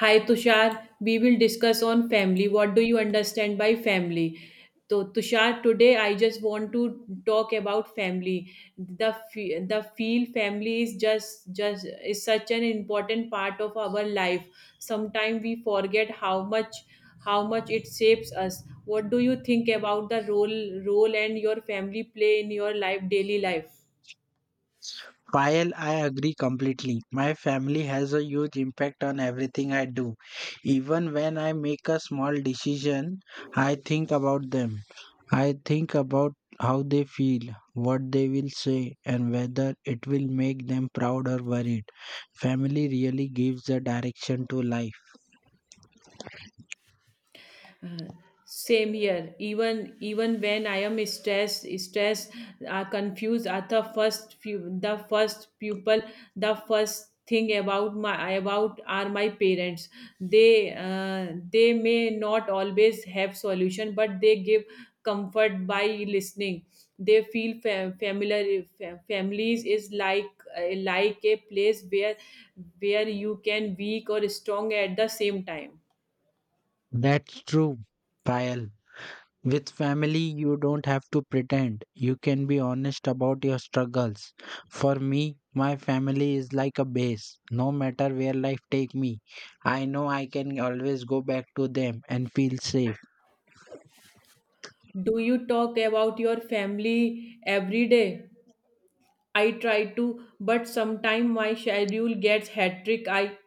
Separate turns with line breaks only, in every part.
Hi Tushar, we will discuss on family. What do you understand by family? So Tushar, today I just want to talk about family. The feel family is just is such an important part of our life. Sometimes we forget how much it shapes us. What do you think about the role and your family play in your life daily life?
Payal, I agree completely. My family has a huge impact on everything I do. Even when I make a small decision, I think about them. I think about how they feel, what they will say, and whether it will make them proud or worried. Family really gives a direction to life.
Same here. Even when I am stressed, confused, the first few, the first pupil, the first thing about my about are my parents. They may not always have solution, but they give comfort by listening. They feel familiar. Families is like a place where you can weak or strong at the same time.
That's true, Payal. With family, you don't have to pretend. You can be honest about your struggles. For me, my family is like a base. No matter where life take me, I know I can always go back to them and feel safe.
Do you talk about your family every day? I try to, but sometimes my schedule gets hectic. I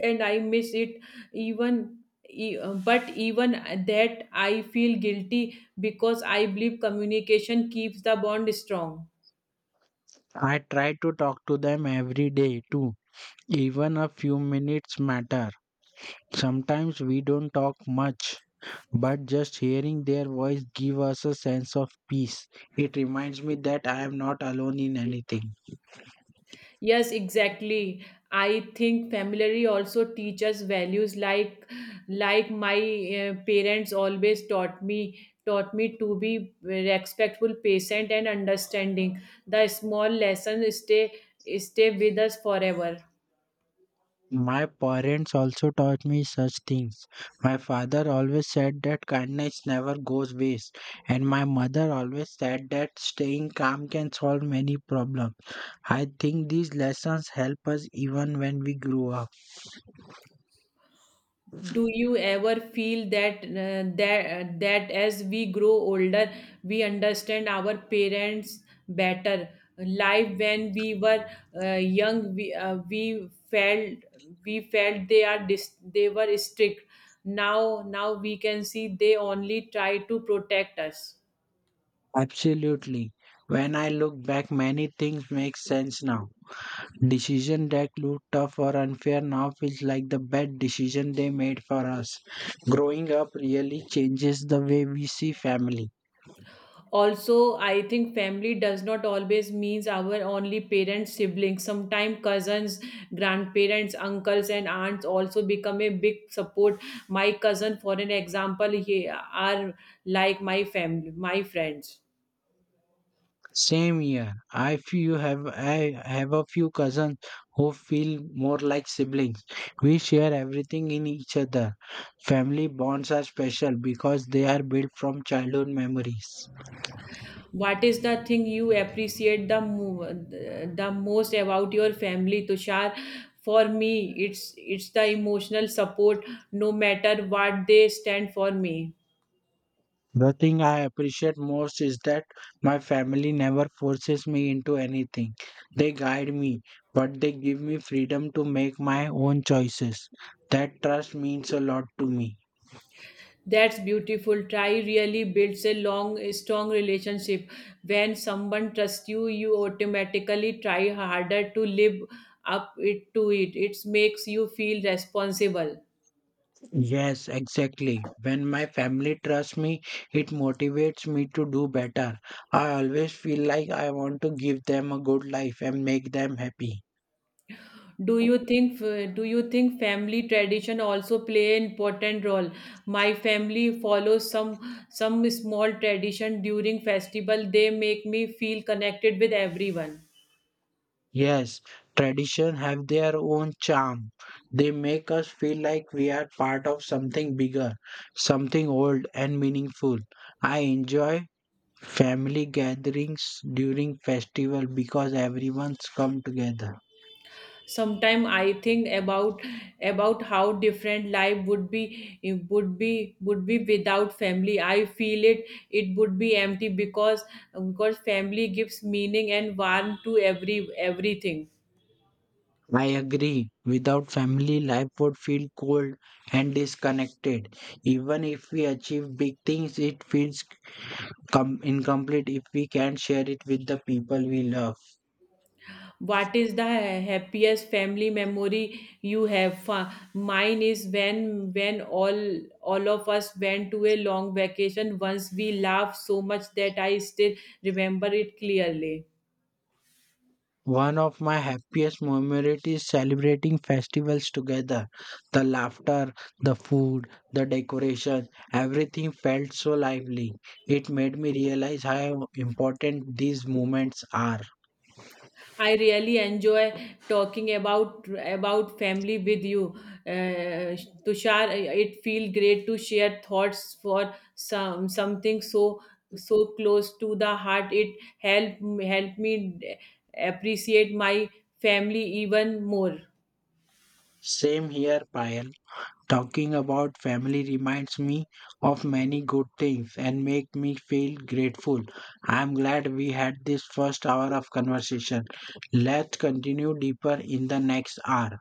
and I miss it even e- but even that I feel guilty because I believe communication keeps the bond strong.
I try to talk to them every day too. Even a few minutes matter. Sometimes we don't talk much, but just hearing their voice give us a sense of peace. It reminds me that I am not alone in anything.
Yes, exactly. I think family also teaches values like my, parents always taught me to be respectful, patient and understanding. The small lessons stay with us forever.
My parents also taught me such things. My father always said that kindness never goes waste, and my mother always said that staying calm can solve many problems. I think these lessons help us even when we grow up.
Do you ever feel that as we grow older, we understand our parents better? Life when we were young, we felt they are they were strict. Now we can see they only try to protect us.
Absolutely. When I look back, many things make sense now. Decision that looked tough or unfair now feels like the bad decision they made for us. Growing up really changes the way we see family.
Also, I think family does not always means our only parents, siblings. Sometimes cousins, grandparents, uncles and aunts also become a big support. My cousin for an example, he are like my family, my friends.
Same here. I have a few cousins who feel more like siblings. We share everything in each other. Family bonds are special because they are built from childhood memories.
What is the thing you appreciate the most about your family, Tushar? For me it's the emotional support. No matter what, they stand for me.
The thing I appreciate most is that my family never forces me into anything. They guide me, but they give me freedom to make my own choices. That trust means a lot to me.
That's beautiful. Try really builds a long, strong relationship. When someone trusts you, you automatically try harder to live up it to it. It makes you feel responsible.
Yes, exactly. When my family trusts me, it motivates me to do better. I always feel like I want to give them a good life and make them happy.
Do you think family tradition also play an important role? My family follows some small tradition during festival. They make me feel connected with everyone.
Yes, tradition have their own charm. They make us feel like we are part of something bigger, something old and meaningful. I enjoy family gatherings during festival because everyone's come together.
Sometimes I think about how different life would be without family. I feel it would be empty because family gives meaning and warmth to everything.
I agree. Without family, life would feel cold and disconnected. Even if we achieve big things, it feels incomplete if we can't share it with the people we love.
What is the happiest family memory you have? Mine is when all of us went to a long vacation. Once we laughed so much that I still remember it clearly.
One of my happiest memories is celebrating festivals together. The laughter, the food, the decoration, everything felt so lively. It made me realize how important these moments are.
I really enjoy talking about family with you, uh, Tushar. It feels great to share thoughts for something so close to the heart. It help me appreciate my family even more.
Same here, Payal. Talking about family reminds me of many good things and make me feel grateful. I'm glad we had this first hour of conversation. Let's continue deeper in the next hour.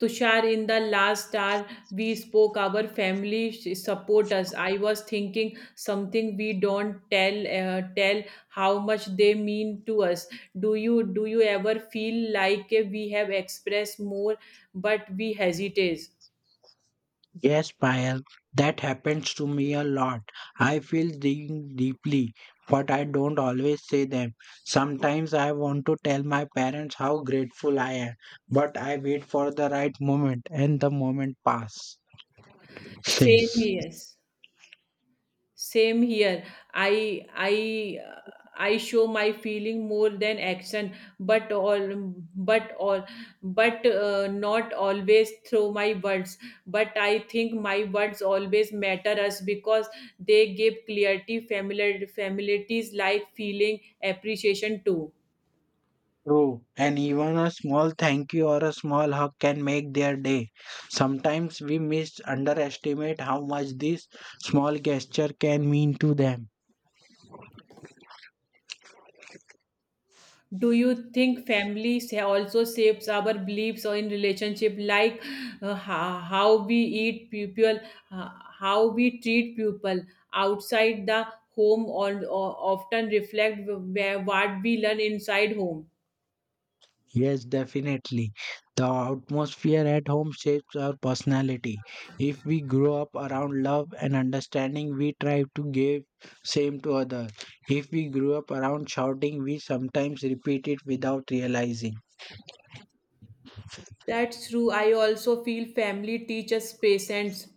Tushar, in the last hour we spoke, our family support us. I was thinking something we don't tell how much they mean to us. Do you ever feel like, we have expressed more, but we hesitate?
Yes, Payal, that happens to me a lot. I feel things deeply, but I don't always say them. Sometimes I want to tell my parents how grateful I am, but I wait for the right moment and the moment passes.
Same yes. Same here. I i uh, i show my feeling more than action, but all but all but not always through my words, but I think my words always matter us because they give clarity, familiarities like feeling, appreciation too.
True, and even a small thank you or a small hug can make their day. Sometimes we mis underestimate how much this small gesture can mean to them.
Do you think family also shapes our beliefs or in relationship, like, uh, ho- how we eat people uh, how we treat people outside the home, or often reflect where what we learn inside home?
Yes, definitely. The atmosphere at home shapes our personality. If we grow up around love and understanding, we try to give same to others. If we grew up around shouting, we sometimes repeat it without realizing.
That's true. I also feel family teaches patience.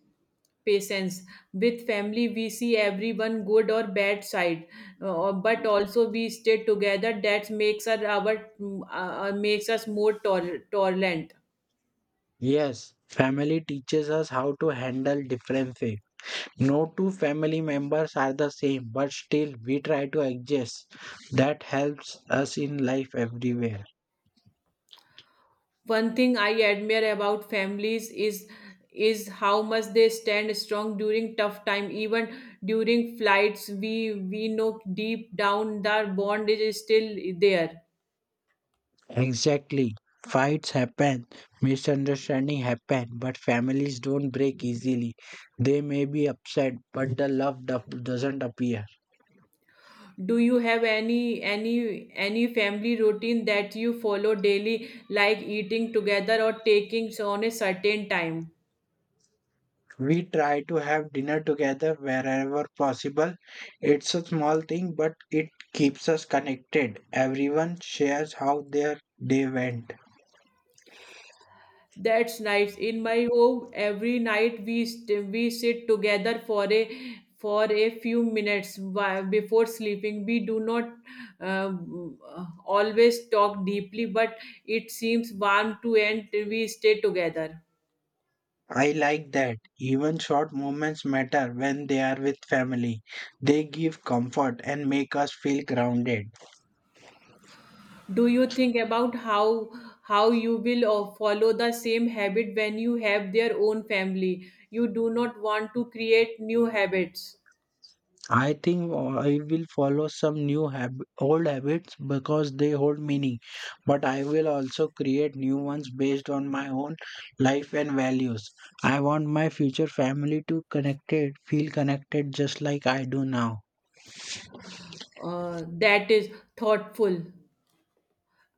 Patience. With family, we see everyone good or bad side, but also we stay together. That makes us more tolerant.
Yes, family teaches us how to handle differences. No two family members are the same, but still we try to adjust. That helps us in life everywhere.
One thing I admire about families is how much they stand strong during tough time. Even during flights, we know deep down their bond is still there.
Exactly. Fights happen, misunderstanding happen, but families don't break easily. They may be upset, but the love doesn't appear.
Do you have any family routine that you follow daily, like eating together or taking on a certain time?
We try to have dinner together wherever possible. It's a small thing, but it keeps us connected. Everyone shares how their day went.
That's nice. In my home every night we sit together for a few minutes, before sleeping. We do not uh, always talk deeply, but it seems warm to end. We stay together.
I like that. Even short moments matter when they are with family. They give comfort and make us feel grounded.
Do you think about how you will follow the same habit when you have their own family? You do not want to create new habits.
I think I will follow some new old habits because they hold meaning, but I will also create new ones based on my own life and values. I want my future family to feel connected just like I do now.
That is thoughtful.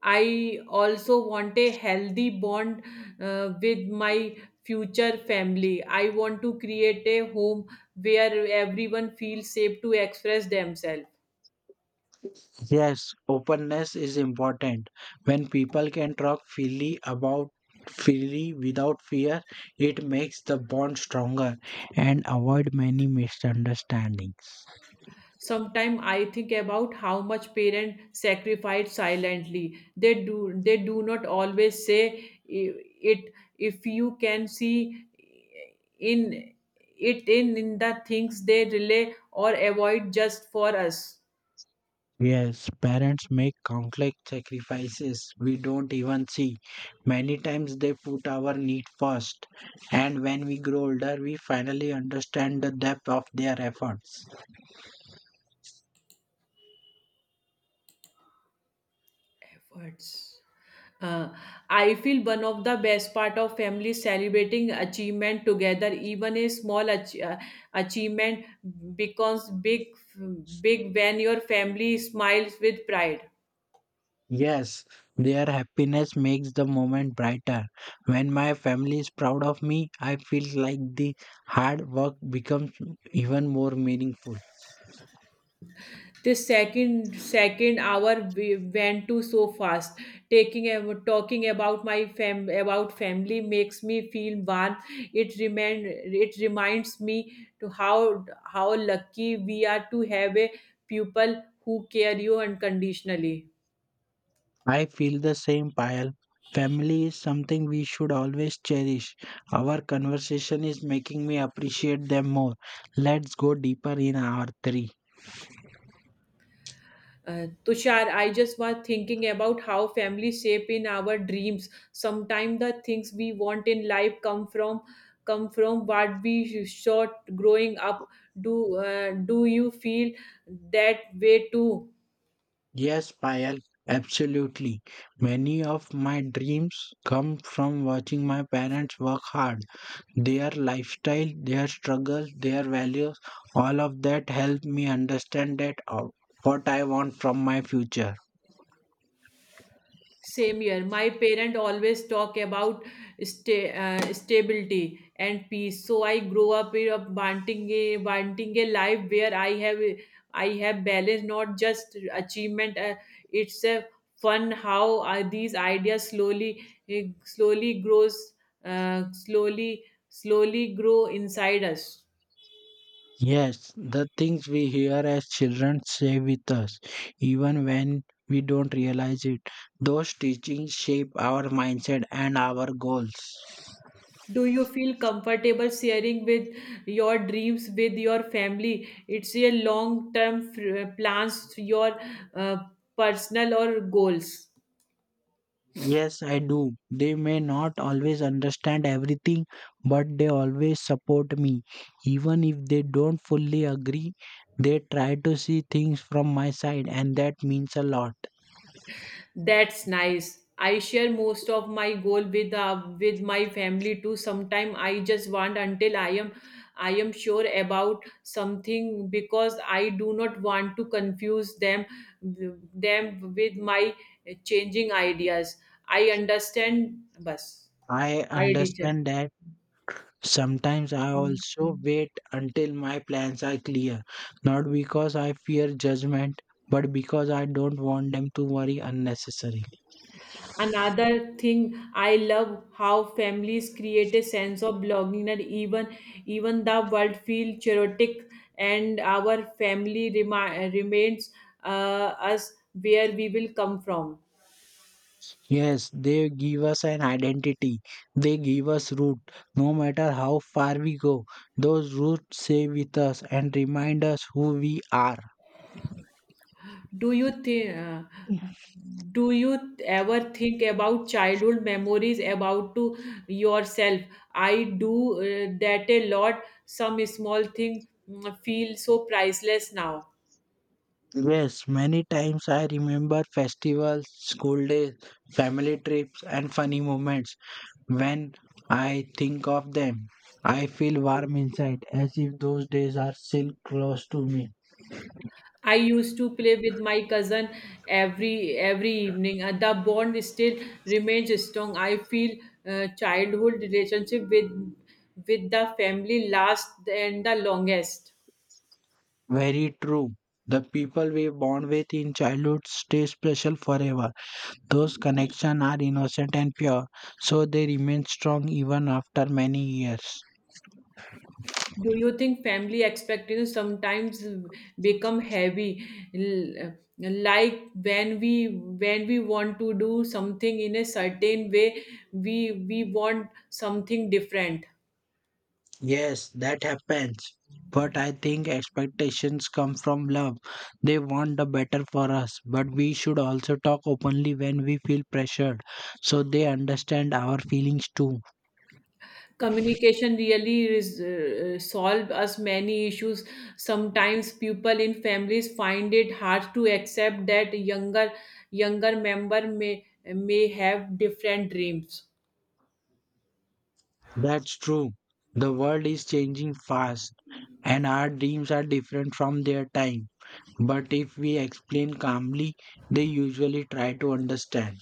I also want a healthy bond with my future family. I want to create a home where everyone feels safe to express themselves.
Yes, openness is important. When people can talk freely without fear, it makes the bond stronger and avoid many misunderstandings.
Sometimes I think about how much parents sacrifice silently. They do not always say it, if you can see in in the things they relay or avoid just for us.
Yes, parents make countless sacrifices we don't even see. Many times they put our need first, and when we grow older, we finally understand the depth of their efforts.
Efforts. Uh, I feel one of the best part of family celebrating achievement together, even a small achievement becomes big when your family smiles with pride.
Yes, their happiness makes the moment brighter. When my family is proud of me, I feel like the hard work becomes even more meaningful.
This second hour we went to so fast. Talking about family makes me feel warm. It remind it reminds me to how lucky we are to have a people who care you unconditionally.
I feel the same, Payal. Family is something we should always cherish. Our conversation is making me appreciate them more. Let's go deeper in our three.
Tushar, I just was thinking about how family shape in our dreams. Sometimes the things we want in life come from what we shot growing up. Do you feel that way too?
Yes, Payal, absolutely. Many of my dreams come from watching my parents work hard. Their lifestyle, their struggles, their values, all of that helped me understand that what I want from my future.
Same year, my parent always talk about stability and peace. So I grow up in a wanting a life where I have balance, not just achievement. It's a fun how these ideas slowly eh, slowly grows slowly slowly grow inside us.
Yes, the things we hear as children stay with us, even when we don't realize it. Those teachings shape our mindset and our goals.
Do you feel comfortable sharing with your dreams with your family? It's your long-term plans, your uh, personal or goals.
Yes, I do. They may not always understand everything, but they always support me. Even if they don't fully agree, they try to see things from my side, and that means a lot.
That's nice. I share most of my goal with my family too. Sometime I just want until I am sure about something because I do not want to confuse them with my changing ideas. I understand, bus.
I
I teacher.
understand that sometimes I also
Mhm.
wait until my plans are clear, not because I fear judgment, but because I don't want them to worry unnecessarily.
Another thing I love how families create a sense of belonging that even the world feel chaotic and our family remains us where we will come from.
Yes, they give us an identity. They give us root. No matter how far we go, those roots stay with us and remind us who we are.
Do you think? Do you ever think about childhood memories about to yourself? I do that a lot. Some small thing feel so priceless now.
Yes, many times I remember festivals, school days, family trips, and funny moments. When I think of them, I feel warm inside as if those days are still close to me.
I used to play with my cousin every evening. The bond still remains strong. I feel, childhood relationship with the family last and the longest.
Very true. The people we bond with in childhood stay special forever. Those connections are innocent and pure, so they remain strong even after many years.
Do you think family expectations sometimes become heavy, like when we want to do something in a certain way, we want something different.
Yes, that happens. But I think expectations come from love. They want the better for us, but we should also talk openly when we feel pressured so they understand our feelings too.
Communication really solve us many issues. Sometimes people in families find it hard to accept that younger member may have different dreams.
That's true. The world is changing fast and our dreams are different from their time. But if we explain calmly, they usually try to understand.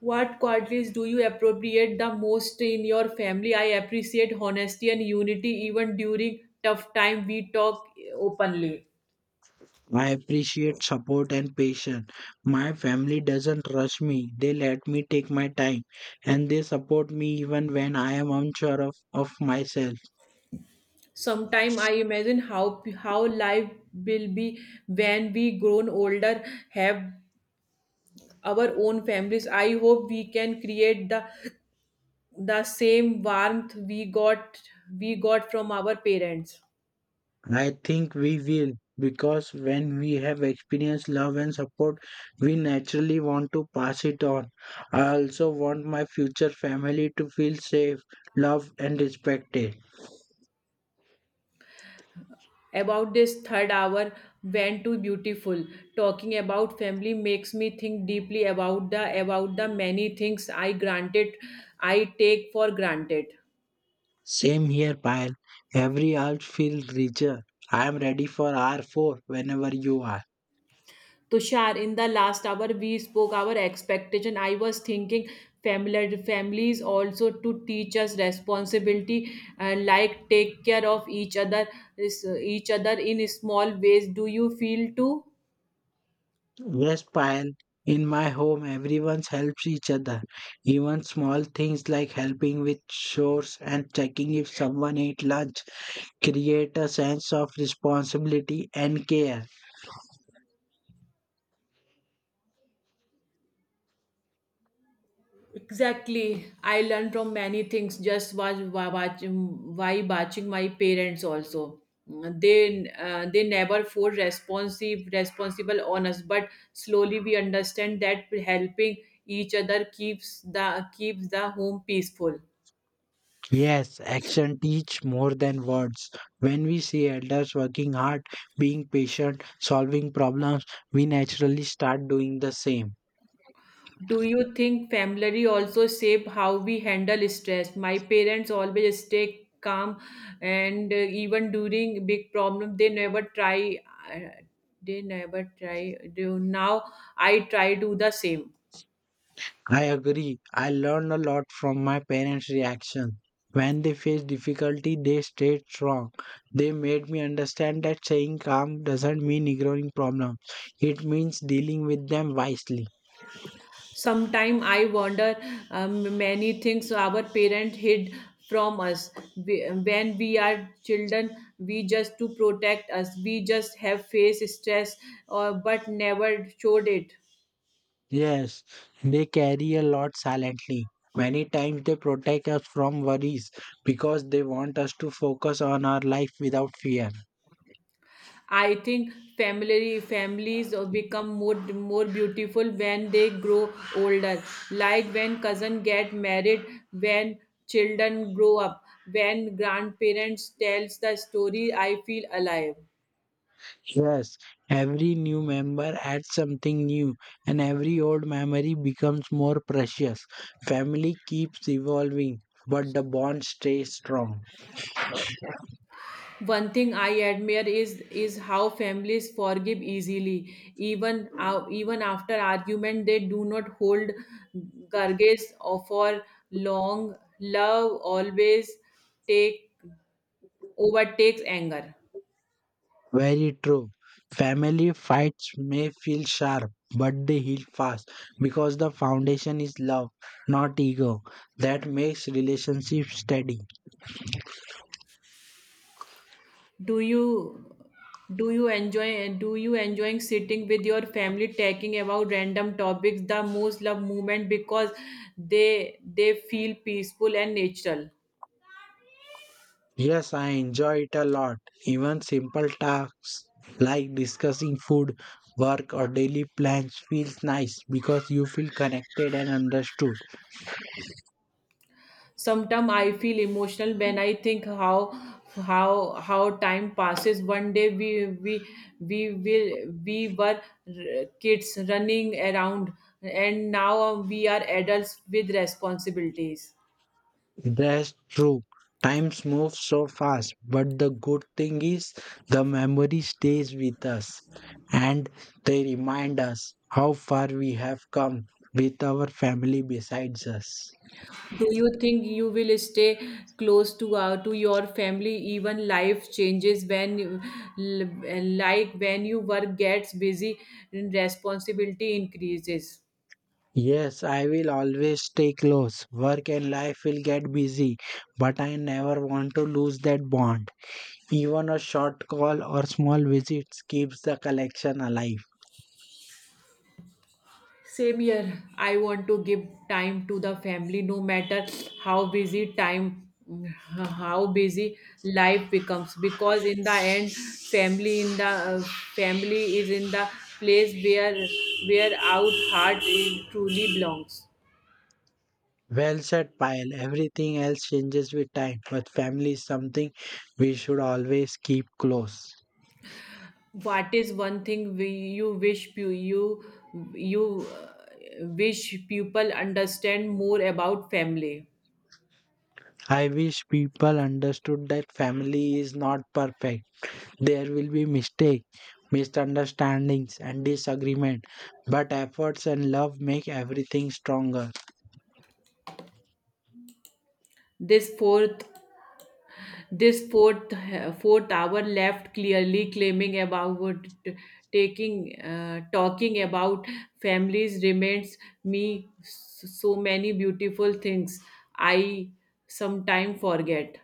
What qualities do you appropriate the most in your family? I appreciate honesty and unity. Even during tough time, we talk openly.
I appreciate support and patience. My family doesn't rush me. They let me take my time and they support me even when I am unsure of myself.
Sometime I imagine how life will be when we grown older, have our own families. I hope we can create the same warmth we got from our parents.
I think we will because when we have experienced love and support, we naturally want to pass it on. I also want my future family to feel safe, loved, and respected.
About this third hour went too beautiful. Talking about family makes me think deeply about the many things I take for granted.
Same here, Payal. Every hour feels richer. I am ready for R4 whenever you are.
Tushar, in the last hour we spoke our expectation. I was thinking family families also to teach us responsibility, like take care of each other is- each other in small ways. Do you feel too?
Yes, Payan. In my home, everyone helps each other. Even small things like helping with chores and checking if someone ate lunch create a sense of responsibility and care.
Exactly. I learned from many things just watching my parents also. They never force responsive responsible on us, but slowly we understand that helping each other keeps the home peaceful.
Yes, action teach more than words. When we see elders working hard, being patient, solving problems, we naturally start doing the same.
Do you think family also shape how we handle stress? My parents always stay calm, and even during big problem, they never try. Uh, they never try. Do now I try do the same.
I agree. I learned a lot from my parents' reaction. When they faced difficulty, they stayed strong. They made me understand that saying calm doesn't mean ignoring problems. It means dealing with them wisely.
Sometimes I wonder many things our parents hid from us, when we are children. We just to protect us. We just have face stress, or but never showed it.
Yes, they carry a lot silently. Many times they protect us from worries because they want us to focus on our life without fear.
I think family families become more beautiful when they grow older. Like when cousin get married, when children grow up, when grandparents tells the story, I feel alive.
Yes, every new member adds something new, and every old memory becomes more precious. Family keeps evolving, but the bond stays strong.
One thing I admire is how families forgive easily. Even after argument, they do not hold grudges or for long. Love always take overtakes anger.
Very true. Family fights may feel sharp, but they heal fast because the foundation is love, not ego. That makes relationships steady.
do you do you enjoying sitting with your family, talking about random topics the most love movement, because they feel peaceful and natural.
Yes, I enjoy it a lot. Even simple tasks like discussing food, work, or daily plans feels nice because you feel connected and understood.
Sometimes I feel emotional when I think how time passes. One day we were kids running around, and now we are adults with responsibilities.
That's true. Times move so fast, but the good thing is the memory stays with us and they remind us how far we have come with our family besides us.
Do you think you will stay close to your family even life changes when like when your work gets busy and responsibility increases?
Yes, I will always stay close. Work and life will get busy, but I never want to lose that bond. Even a short call or small visits keeps the collection alive.
Same here. I want to give time to the family no matter how busy time how busy life becomes because in the end uh, family is in the place where our heart is, truly belongs.
Well said, Pyle. Everything else changes with time, but family is something we should always keep close.
What is one thing you wish you uh, people understand more about family?
I wish people understood that family is not perfect. There will be mistakes, misunderstandings, and disagreement, but efforts and love make everything stronger.
This fourth this fourth uh, fourth hour left clearly claiming about taking talking about families remains me so many beautiful things I sometimes forget.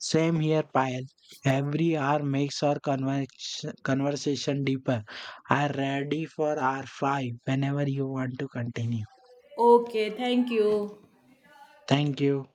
Same here, Payal. Every hour makes our conversation deeper. I'm ready for hour five whenever you want to continue.
Okay, thank you.
Thank you.